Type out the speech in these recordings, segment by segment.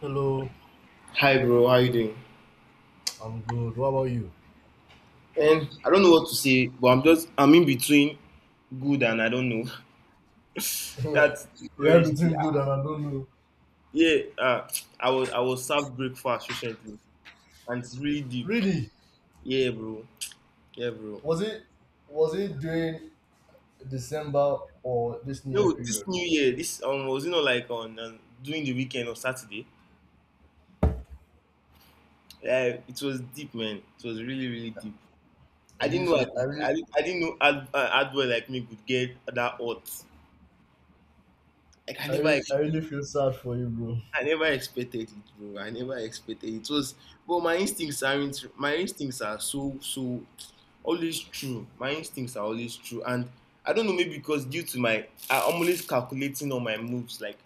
Hello. Hi bro, how you doing? I'm good. What about you? And I don't know what to say, but I'm in between good and I don't know. That's the yeah, courage thing. between good, and I don't know. Yeah, uh, I was served breakfast recently and it's really deep. Really? Yeah, bro. Yeah, bro. Was it was it during December or this New Year No, this period? new year, this was like on during the weekend on Saturday. Yeah, it was deep, man. It was really deep. I I really didn't know feel I really, I didn't know hardware like me could get that hot. Like I never I really feel sad for you, bro. I never expected it, bro. I never expected it. But my instincts aren't. My instincts are so always true. My instincts are always true, and I don't know, maybe because due to my, I'm always calculating on my moves. Like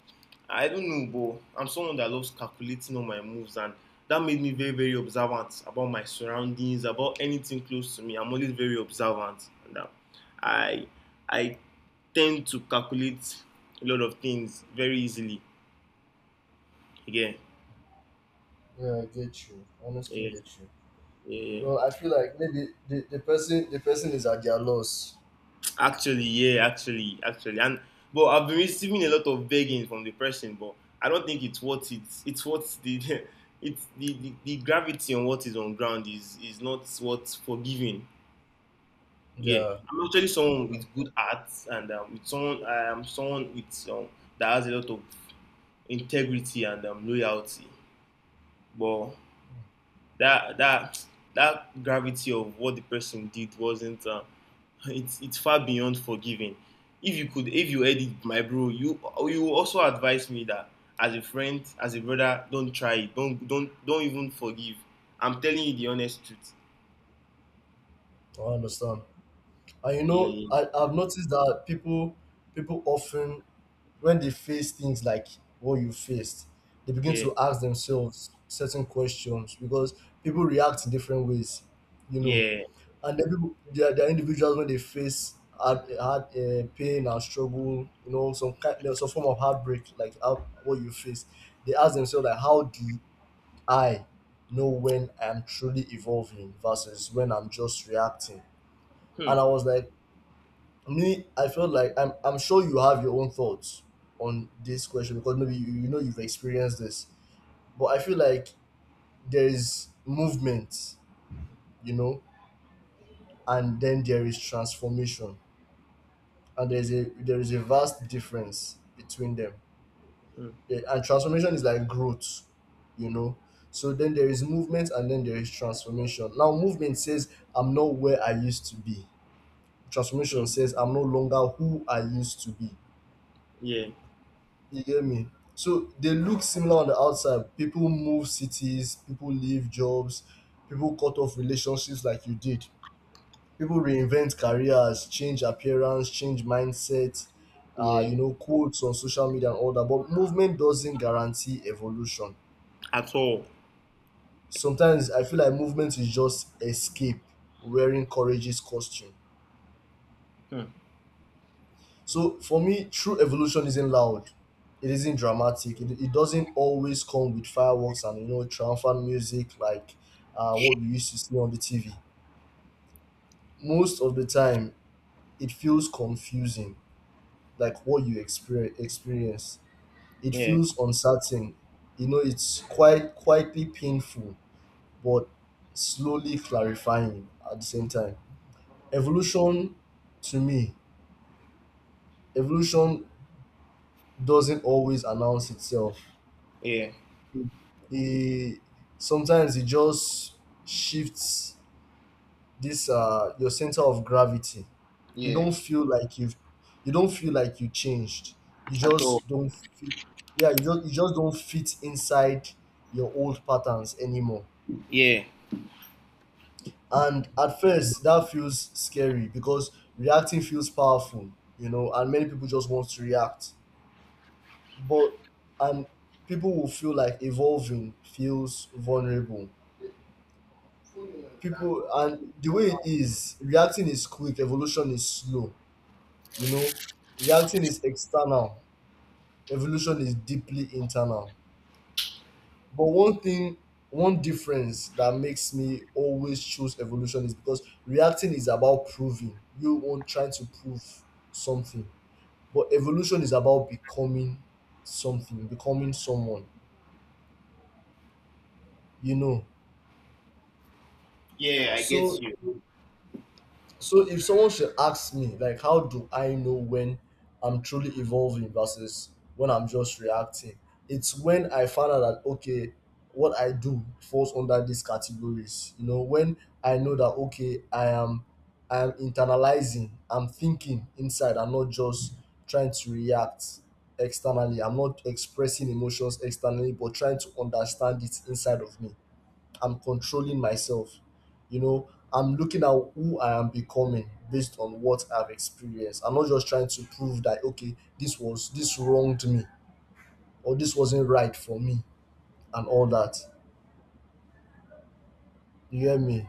I don't know, bro. I'm someone that loves calculating on my moves, and that made me very observant about my surroundings, about anything close to me. I'm always very observant, and I I tend to calculate a lot of things very easily. Again. Yeah, I get you. Honestly, get you. Yeah, Well, I feel like maybe the person is at their loss. Yeah, actually, actually, and but I've been receiving a lot of begging from the person, but I don't think it's worth it. It's worth the it's the gravity on what is on ground is not what forgiving. Yeah, Yeah, I'm actually someone I with good arts, and with someone I am someone with that has a lot of integrity and loyalty. But that that that gravity of what the person did wasn't. It's far beyond forgiving. If you could, if you edit my bro, you also advise me that as a friend, as a brother, don't try it. Don't even forgive. I'm telling you the honest truth. I understand. And you know, Yeah, I've noticed that people often when they face things like what you faced, they begin yeah, to ask themselves certain questions because people react in different ways, you know. yeah. And then people, they are individuals when they face hard pain and struggle, you know, some kind, you some form of heartbreak, like how, what you face. They ask themselves like, how do I know when I'm truly evolving versus when I'm just reacting? And Hmm, I was like, me, I feel like I'm sure you have your own thoughts on this question because maybe you, you know you've experienced this, but I feel like there's movement, you know, and then there is transformation, and there is a vast difference between them. hmm, Yeah, and transformation is like growth, you know, so then there is movement and then there is transformation. Now movement says I'm not where I used to be, transformation hmm. says I'm no longer who I used to be. Yeah, You get me? So they look similar on the outside. People move cities, people leave jobs, people cut off relationships like you did. People reinvent careers, change appearance, change mindset, yeah. you know, quotes on social media and all that. But movement doesn't guarantee evolution. At all. Sometimes I feel like movement is just escape wearing courageous costume. Hmm. So for me, true evolution isn't loud. It isn't dramatic. It doesn't always come with fireworks and you know triumphant music like what we used to see on the TV. Most of the time, it feels confusing, like what you experience. It Yeah, feels uncertain. You know, it's quite quietly painful, but slowly clarifying at the same time. Evolution, to me, evolution doesn't always announce itself. yeah, It sometimes it just shifts this your center of gravity. you yeah. don't feel like you've you don't feel like you changed, you At all. just don't fit. Yeah, you just don't fit inside your old patterns anymore, Yeah. and at first that feels scary because reacting feels powerful, you know, and many people just want to react. But and People will feel like evolving feels vulnerable. People, and the way it is, reacting is quick, evolution is slow, you know. Reacting is external, evolution is deeply internal. But one thing, one difference that makes me always choose evolution is because reacting is about proving you want trying to prove something, but evolution is about becoming something, becoming someone, you know. Yeah, I get so you. So if someone should ask me, like, how do I know when I'm truly evolving versus when I'm just reacting? It's when I found out that okay, what I do falls under these categories. You know, when I know that okay, I am internalizing, I'm thinking inside, I'm not just trying to react externally. I'm not expressing emotions externally, but trying to understand it inside of me. I'm controlling myself. You know, I'm looking at who I am becoming based on what I've experienced. I'm not just trying to prove that okay, this wronged me or this wasn't right for me and all that. You hear me?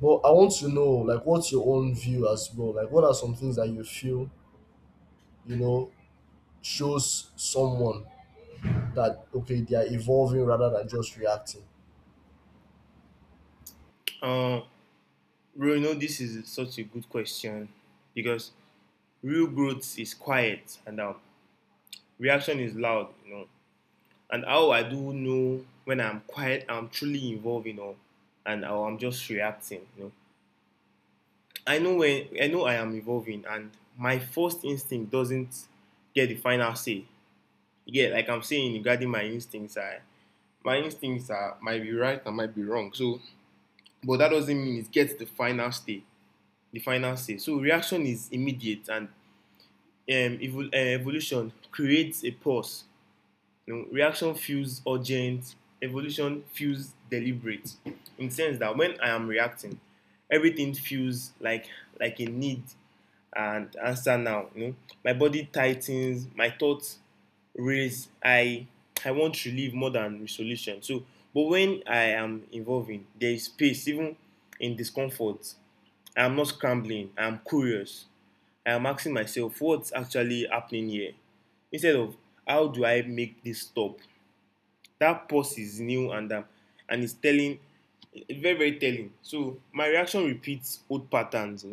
But I want to know, like, what's your own view as well? Like, what are some things that you feel, you know, shows someone that okay, they are evolving rather than just reacting? Uh, bro, you know this is such a good question because real growth is quiet and reaction is loud, you know. And how I do know when I'm quiet, I'm truly evolving, you know, and how I'm just reacting, you know. I know when I know I am evolving, and my first instinct doesn't get the final say. Yeah, like I'm saying regarding my instincts, I my instincts are might be right and might be wrong. So, but that doesn't mean it gets the final say. The final say. So reaction is immediate, and evolution creates a pause. You know, reaction feels urgent, evolution feels deliberate. In the sense that when I am reacting, everything feels like a need and answer now. You know, my body tightens, my thoughts raise. I want relief more than resolution. So, but when I am involving, there is space even in discomfort. I am not scrambling. I am curious. I am asking myself what's actually happening here, instead of how do I make this stop. That pause is new and it's telling, very telling. So my reaction repeats old patterns, you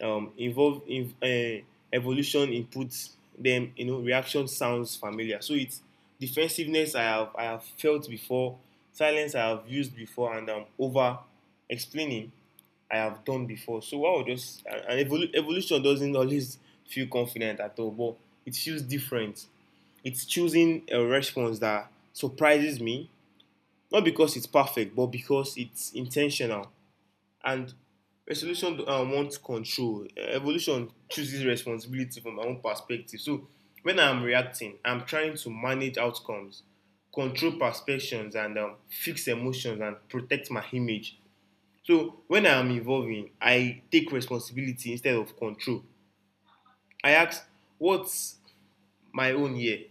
know. Involve in evolution inputs them, you know. Reaction sounds familiar, so it's defensiveness I have felt before, silence I have used before, and over explaining I have done before. So I would just and Evolution doesn't always feel confident at all, but it feels different. It's choosing a response that surprises me, not because it's perfect, but because it's intentional. And resolution wants control. Evolution chooses responsibility from my own perspective. So when I'm reacting, I'm trying to manage outcomes, control perceptions, and fix emotions and protect my image. So when I'm evolving, I take responsibility instead of control. I ask, what's my own here?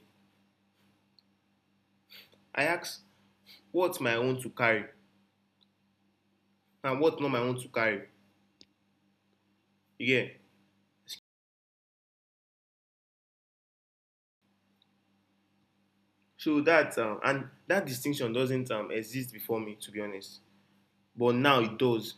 I ask, what's my own to carry? And what not my own to carry. Yeah. So that and that distinction doesn't exist before me, to be honest, but now it does.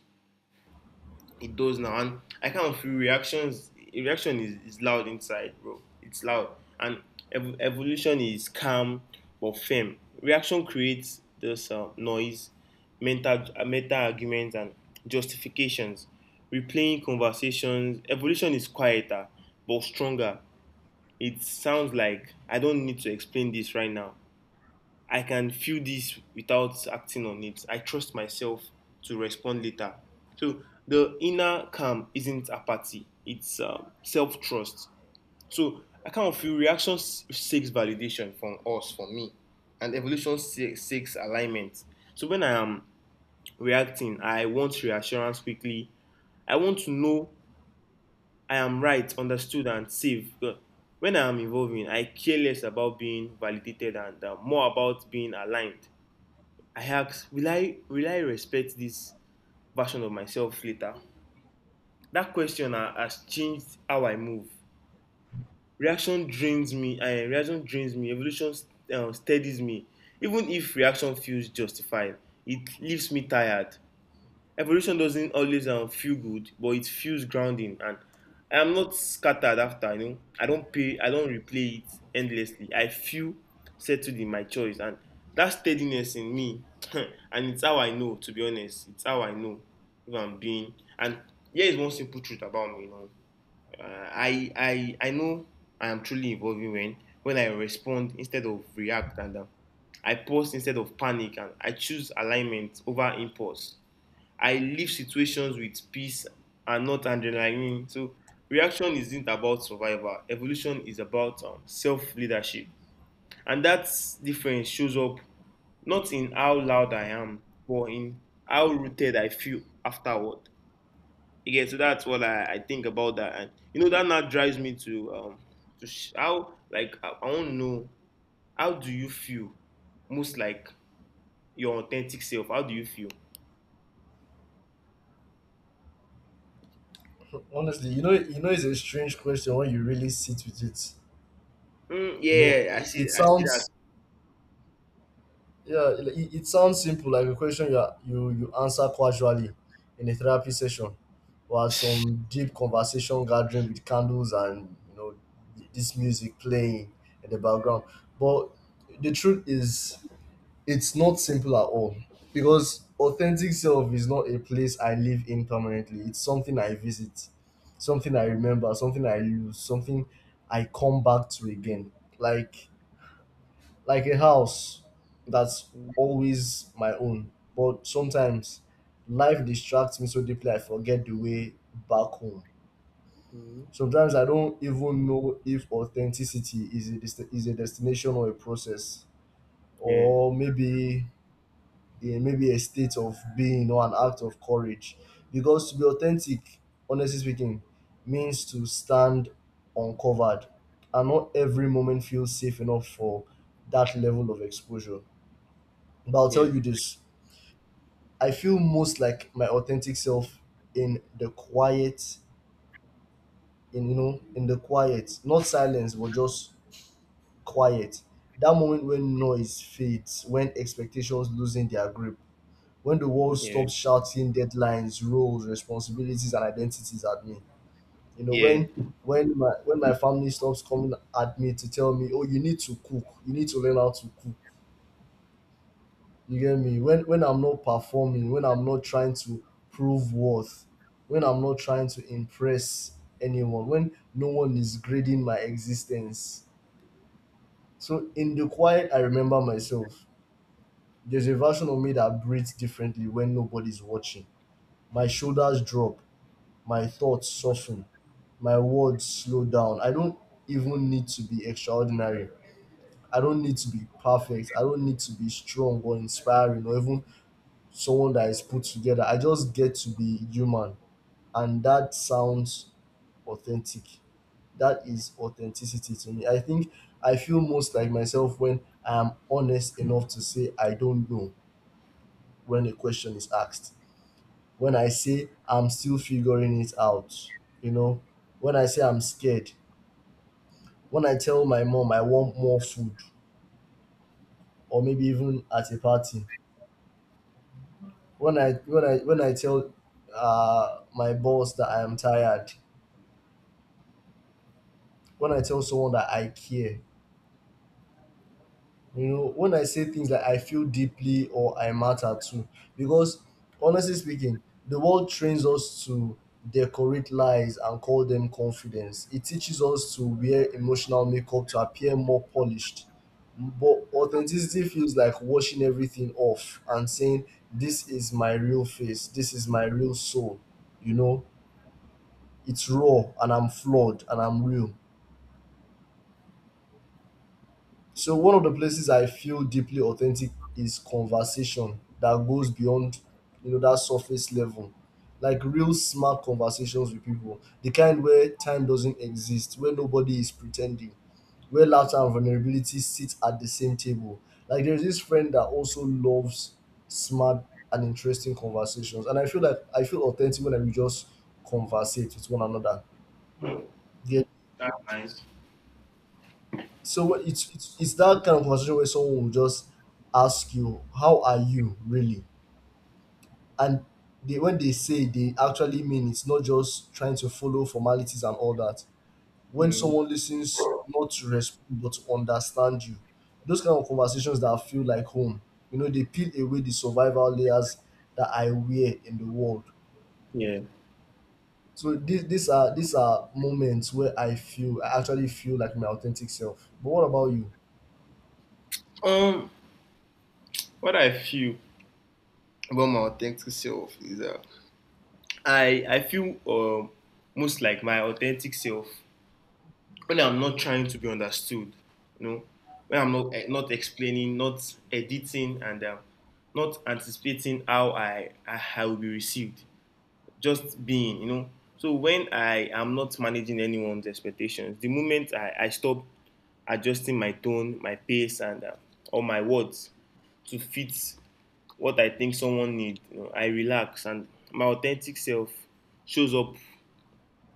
It does now. And I kind of feel reaction is loud inside, bro. It's loud. And evolution is calm but firm. Reaction creates this noise, mental meta arguments and justifications, replaying conversations. Evolution is quieter but stronger. It sounds like I don't need to explain this right now. I can feel this without acting on it. I trust myself to respond later. So the inner calm isn't apathy, it's self trust. So I kind of feel reaction seeks validation from us, from me, and evolution seeks alignment. So when I am reacting, I want reassurance quickly. I want to know I am right, understood, and safe. When I am evolving, I care less about being validated and more about being aligned. I ask, will I respect this version of myself later? That question has changed how I move. Reaction drains me. Reaction drains me. Evolution steadies me. Even if reaction feels justified, it leaves me tired. Evolution doesn't always feel good, but it feels grounding, and I am not scattered after. You know, I don't replay it endlessly. I feel settled in my choice, and that steadiness in me and it's how I know, to be honest. It's how I know if I'm being. And here is one simple truth about me, you know. uh, I know I am truly evolving when I respond instead of react, and I pause instead of panic, and I choose alignment over impulse. I leave situations with peace and not adrenaline. So reaction isn't about survival. Evolution is about self leadership, and that difference shows up not in how loud I am, but in how rooted I feel afterward. Again, so that's what I think about that, and you know that now drives me to how, like, I want to know, how do you feel most like your authentic self? How do you feel? Honestly, it's a strange question when you really sit with it. Mm, You know, yeah, it I see that. sounds Yeah, it sounds simple, like a question you, are- you answer casually in a therapy session or at some deep conversation gathering with candles and you know this music playing in the background. But the truth is, it's not simple at all because authentic self is not a place I live in permanently. It's something I visit, something I remember, something I lose, something I come back to again. Like a house that's always my own. But sometimes life distracts me so deeply I forget the way back home. Mm-hmm. Sometimes I don't even know if authenticity is a is a destination or a process, Yeah, or maybe maybe a state of being or an act of courage. Because to be authentic, honestly speaking, means to stand uncovered, and not every moment feels safe enough for that level of exposure. But I'll tell yeah, you this: I feel most like my authentic self in the quiet, in, you know, in the quiet, not silence, but just quiet. That moment when noise fades, when expectations losing their grip, when the world yeah, stops shouting deadlines, roles, responsibilities, and identities at me. You know, when yeah. when my when my family stops coming at me to tell me, oh, you need to cook, you need to learn how to cook. You get me? When I'm not performing, when I'm not trying to prove worth, when I'm not trying to impress anyone, when no one is grading my existence. So in the quiet, I remember myself. There's a version of me that breathes differently when nobody's watching. My shoulders drop, my thoughts soften, my words slow down. I don't even need to be extraordinary. I don't need to be perfect. I don't need to be strong or inspiring or even someone that is put together. I just get to be human, and that sounds authentic. That is authenticity to me. I think I feel most like myself when I am honest enough to say I don't know when a question is asked. When I say I'm still figuring it out, you know, when I say I'm scared, when I tell my mom I want more food, or maybe even at a party, when I tell my boss that I am tired, when I tell someone that I care, you know, when I say things like I feel deeply or I matter too, because honestly speaking, the world trains us to decorate lies and call them confidence. It teaches us to wear emotional makeup to appear more polished. But authenticity feels like washing everything off and saying, "This is my real face, this is my real soul." You know, it's raw and I'm flawed and I'm real. So one of the places I feel deeply authentic is conversation that goes beyond you know that surface level. Like real smart conversations with people. The kind where time doesn't exist, where nobody is pretending, where laughter and vulnerability sit at the same table. Like there's this friend that also loves smart and interesting conversations. And I feel authentic when we just conversate with one another. That's nice. It's that kind of conversation where someone will just ask you, "How are you really?" And they, when they say, they actually mean it's not just trying to follow formalities and all that. When Mm, someone listens not to respond but to understand you, those kind of conversations that feel like home. You know, they peel away the survival layers that I wear in the world. yeah. So these are moments where I actually feel like my authentic self. But what about you? Um, what I feel about my authentic self is I feel most like my authentic self when I'm not trying to be understood, you know, when I'm not not explaining, not editing, and not anticipating how I will be received. Just being, you know. So when I am not managing anyone's expectations, the moment I stop adjusting my tone, my pace, and or my words to fit what I think someone needs. You know, I relax, and my authentic self shows up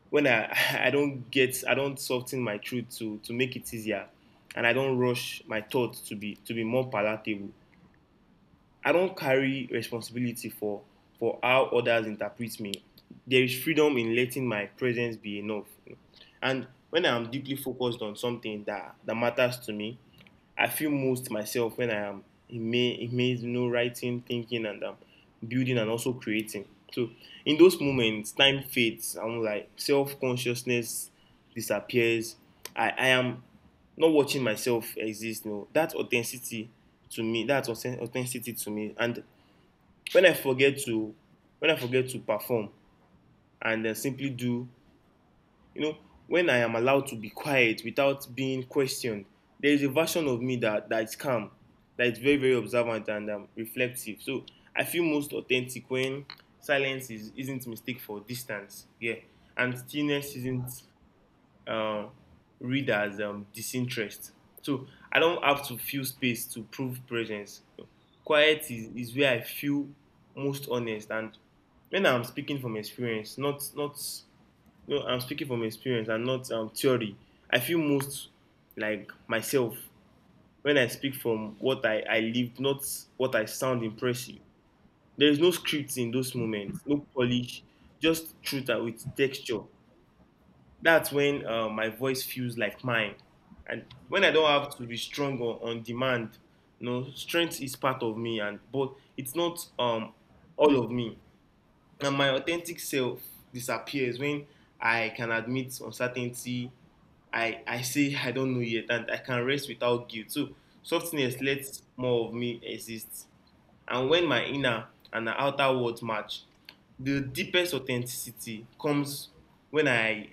when I I don't get I don't soften my truth to make it easier, and I don't rush my thoughts to be more palatable. I don't carry responsibility for how others interpret me. There is freedom in letting my presence be enough, you know. And when I am deeply focused on something that, that matters to me, I feel most myself when I am in me, you know, writing, thinking, and building and also creating. So in those moments, time fades. I'm like self consciousness disappears. I am not watching myself exist. No, that's authenticity to me. That's authenticity to me. And when I forget to, when I forget to perform and simply do, you know, when I am allowed to be quiet without being questioned, there is a version of me that is calm, that is very observant and reflective. So I feel most authentic when silence is isn't mistake for distance. Yeah, and stillness isn't uh, read as disinterest. So I don't have to feel space to prove presence. Quiet is where I feel most honest, and when I'm speaking from experience, not not no, I'm speaking from experience and not theory. I feel most like myself when I speak from what I lived, not what I sound impressive. There is no script in those moments, no polish, just truth with texture. That's when my voice feels like mine. And when I don't have to be strong on demand, you know, strength is part of me, and but it's not all of me. And my authentic self disappears when I can admit uncertainty. I say I don't know yet, and I can rest without guilt. So softness lets more of me exist. And when my inner and outer worlds match, the deepest authenticity comes when I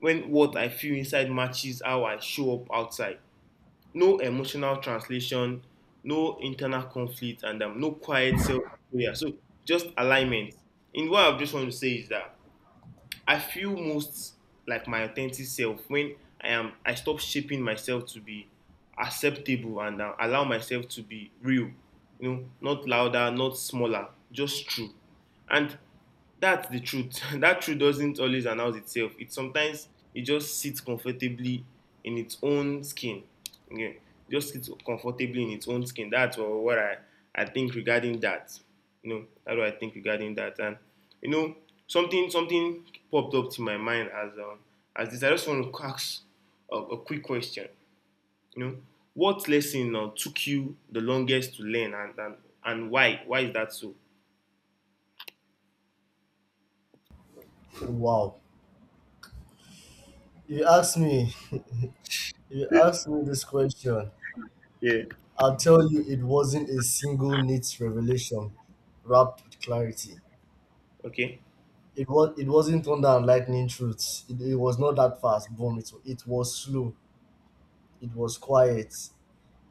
when what I feel inside matches how I show up outside. No emotional translation, no internal conflict, and no quiet self prayer. So just alignment. In what I just want to say is that I feel most like my authentic self when I am. I stop shaping myself to be acceptable and allow myself to be real. You know, not louder, not smaller, just true. And that's the truth. That truth doesn't always announce itself. It just sits comfortably in its own skin. Okay. Just sits comfortably in its own skin. That's what I think regarding that. You know, that's what I think regarding that. And you know, something popped up to my mind as this. I just want to ask a quick question. You know, what lesson took you the longest to learn, and why? Why is that so? Wow. You asked me. You ask me this question, Yeah. I'll tell you it wasn't a single neat revelation wrapped with clarity. Okay, It wasn't thunder and lightning truths. It was not that fast. Boom. It was slow. It was quiet.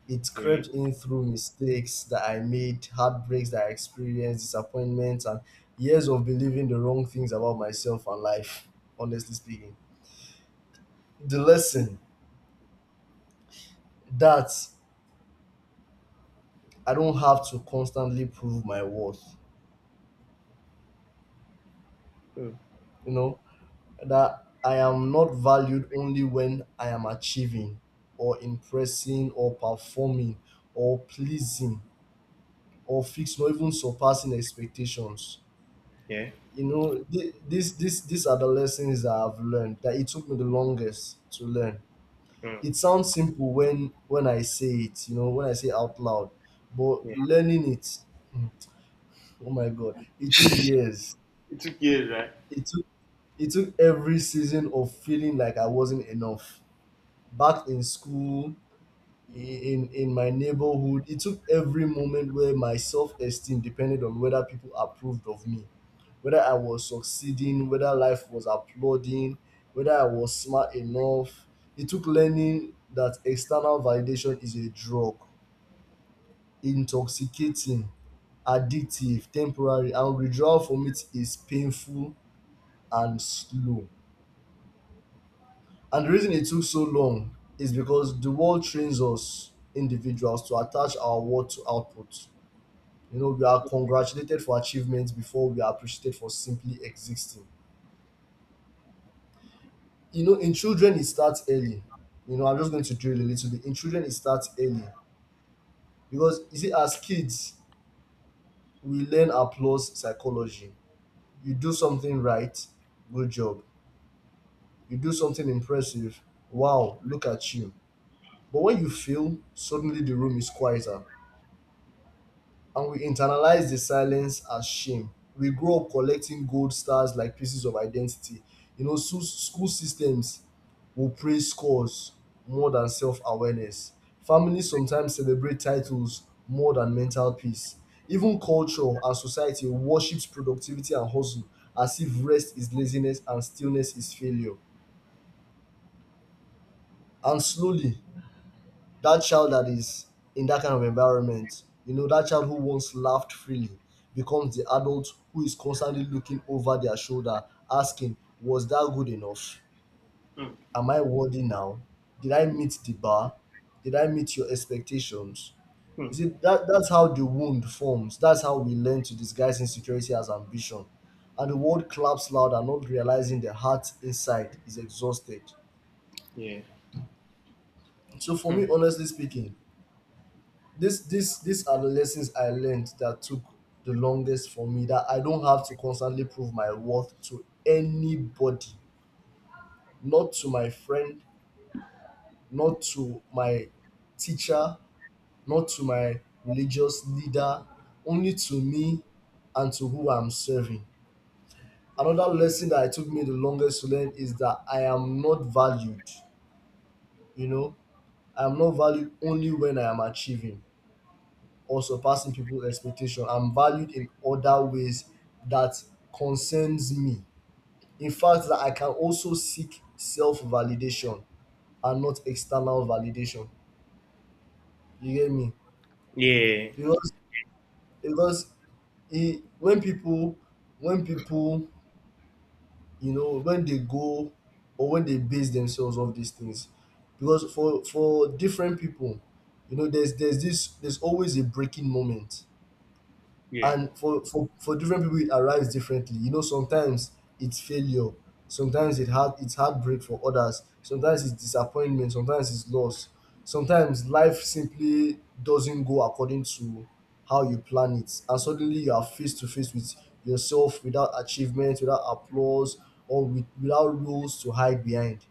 It crept really? in through mistakes that I made, heartbreaks that I experienced, disappointments, and years of believing the wrong things about myself and life, honestly speaking. The lesson that I don't have to constantly prove my worth. You know, that I am not valued only when I am achieving or impressing or performing or pleasing or fixing or even surpassing expectations. Yeah. You know, thi- this these are the lessons that I've learned that it took me the longest to learn. Mm. It sounds simple when I say it, you know, when I say out loud, but Yeah. learning it, hmm, oh my god, it took years. It took years, right? It took it took every season of feeling like I wasn't enough back in school, in my neighborhood. It took every moment where my self-esteem depended on whether people approved of me, whether I was succeeding, whether life was applauding, whether I was smart enough. It took learning that external validation is a drug, intoxicating, addictive, temporary, and withdrawal from it is painful and slow. And the reason it took so long is because the world trains us individuals to attach our worth to output. We are congratulated for achievements before we are appreciated for simply existing. In children, it starts early. I'm just going to drill a little bit. In children, it starts early because you see, as kids, we learn applause psychology. You do something right, good job. You do something impressive, wow, look at you. But when you fail, suddenly the room is quieter and we internalize the silence as shame. We grow up collecting gold stars like pieces of identity. So school systems will praise scores more than self awareness. Families sometimes celebrate titles more than mental peace. Even culture and society worships productivity and hustle as if rest is laziness and stillness is failure. And slowly, that child that is in that kind of environment, that child who once laughed freely becomes the adult who is constantly looking over their shoulder, asking, was that good enough? Hmm. Am I worthy now? Did I meet the bar? Did I meet your expectations? You see, that's how the wound forms. That's how we learn to disguise insecurity as ambition. And the world claps louder, not realizing the heart inside is exhausted. Yeah. So, for Hmm. me, honestly speaking, this these are the lessons I learned that took the longest for me, that I don't have to constantly prove my worth to anybody, not to my friend, not to my teacher, not to my religious leader, only to me and to who I'm serving. Another lesson that it took me the longest to learn is that I am not valued, you know I am not valued only when I am achieving or surpassing people's expectation. I'm valued in other ways that concerns me. In fact, that I can also seek self-validation and not external validation. You get me? Yeah. Because because e when people when people when they go or when they base themselves off these things, because for different people, there's always a breaking moment. Yeah. And for different people it arrives differently. Sometimes it's failure, sometimes it's heartbreak for others, sometimes it's disappointment, sometimes it's loss, sometimes life simply doesn't go according to how you plan it, and suddenly you are face to face with yourself, without achievement, without applause, or without rules to hide behind.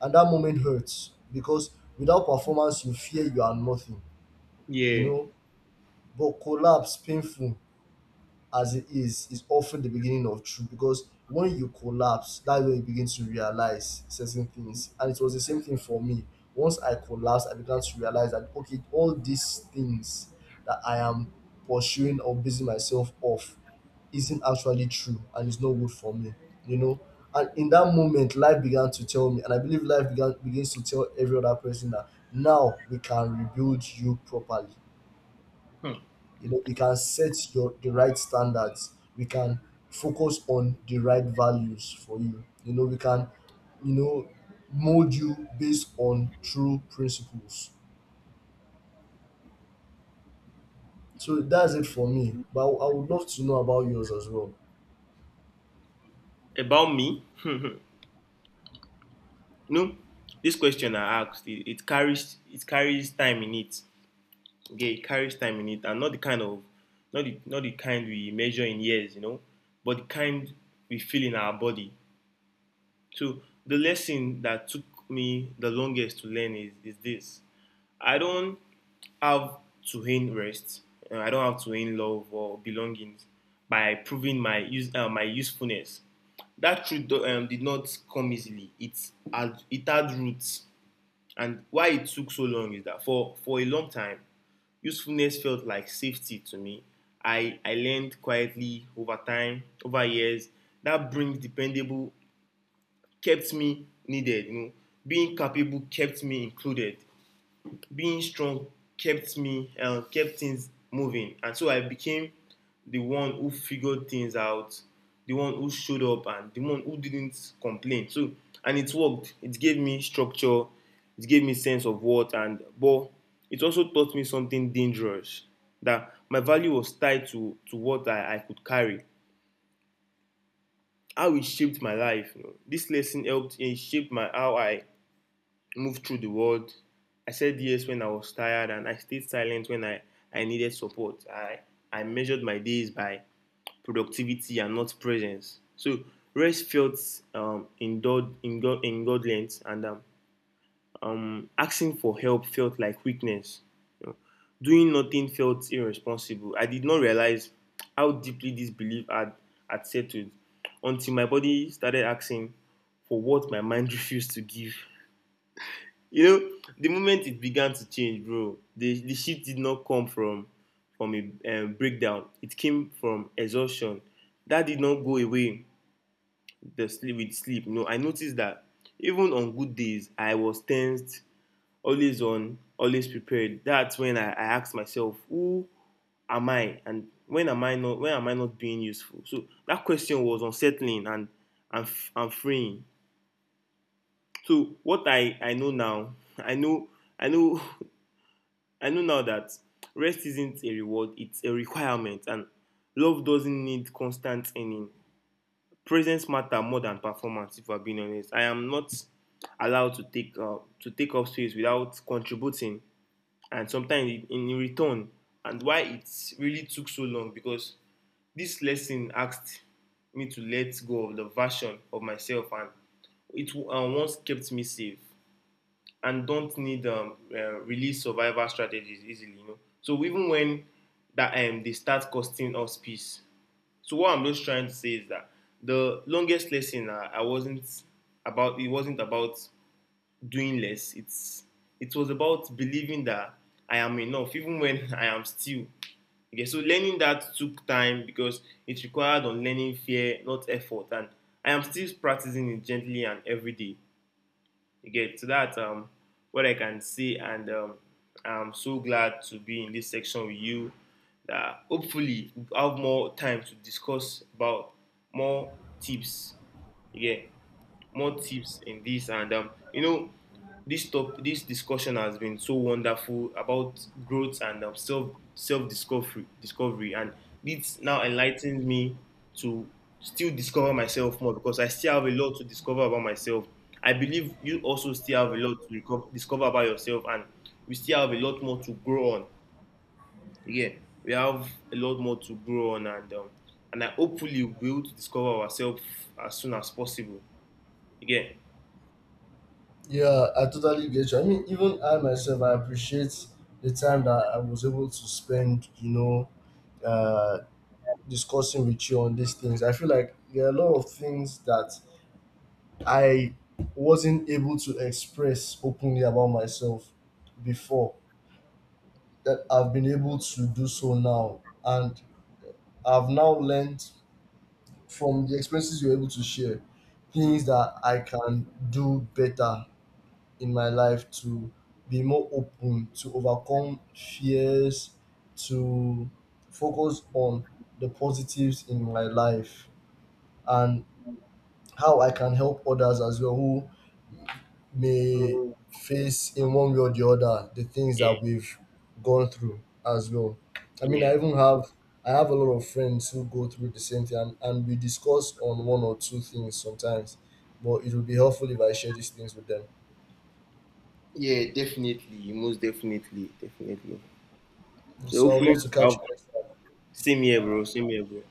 And that moment hurts because without performance you fear you are nothing, you Yeah. know. But collapse, painful as it is often the beginning of truth, because when you collapse, that's when you begin to realize certain things. And it was the same thing for me. Once I collapsed, I began to realize that, okay, all these things that I am pursuing or basing myself off isn't actually true and it's not good for me, you know. And in that moment, life began to tell me, and I believe life began begins to tell every other person that now we can rebuild you properly. Hmm. We can set your the right standards, we can focus on the right values for you. You know we can you know Mold you based on true principles. So that's it for me, but I would love to know about yours as well. About me? No. This question I asked, it carries time in it. Okay, it carries time in it, and not the kind of not the kind we measure in years, you know, but the kind we feel in our body. So the lesson that took me the longest to learn is this. I don't have to gain rest. I don't have to gain love or belonging by proving my use my usefulness. That truth did not come easily. It had roots, and why it took so long is that for a long time, usefulness felt like safety to me. I learned quietly over time, over years. That brings dependable kept me needed. You know, being capable kept me included, being strong kept me kept things moving, and so I became the one who figured things out, the one who showed up, and the one who didn't complain. So, and it worked. It gave me structure, it gave me sense of worth, and but it also taught me something dangerous, that my value was tied to what I could carry, how it shaped my life. You know, this lesson helped it shaped my how I moved through the world. I said yes when I was tired, and I stayed silent when I needed support. I measured my days by productivity and not presence. So rest felt um, indul- indulgent, and asking for help felt like weakness. You know, doing nothing felt irresponsible. I did not realize how deeply this belief had settled until my body started asking for what my mind refused to give. You know, the moment it began to change, bro, the shift did not come from a breakdown. It came from exhaustion that did not go away, the sleep with sleep. You know, I noticed that even on good days I was tensed, always on, always prepared. That's when I asked myself who am I, and when am I not, when am I not being useful. So that question was unsettling and, and freeing. So what I know now, I know, I know I know now that rest isn't a reward, it's a requirement, and love doesn't need constant earning. Presence matters more than performance. If I'm being honest, I am not allowed to take up space without contributing, and sometimes in return. And why it really took so long, because this lesson asked me to let go of the version of myself, and it once kept me safe, and don't need release survival strategies easily. You know, so even when that they start costing us peace. So what I'm just trying to say is that the longest lesson I wasn't about it wasn't about doing less. It's it was about believing that I am enough even when I am still. Okay, so learning that took time because it required unlearning fear, not effort, and I am still practicing it gently and every day. You get, so that what I can say, and I'm so glad to be in this section with you. That hopefully we have more time to discuss about more tips. You get more tips in this. And you know, this discussion has been so wonderful about growth and um, self discovery, and this now enlightens me to still discover myself more because I still have a lot to discover about myself. I believe you also still have a lot to discover about yourself, and we still have a lot more to grow on. Again, we have a lot more to grow on, and I hopefully will be able to discover ourselves as soon as possible. Again, Yeah, I totally get you. I mean, even I myself, I appreciate the time that I was able to spend, uh discussing with you on these things. I feel like there are a lot of things that I wasn't able to express openly about myself before that I've been able to do so now. And I've now learned from the experiences you're able to share things that I can do better in my life, to be more open, to overcome fears, to focus on the positives in my life, and how I can help others as well who may face in one way or the other the things that yeah. we've gone through as well. I mean, I Yeah, even have I have a lot of friends who go through the same thing, and we discuss on one or two things sometimes. But it would be helpful if I share these things with them. yeah, definitely, most definitely, definitely. So So I would hopefully, love to to catch you have- next time. same here, bro. Same here, bro.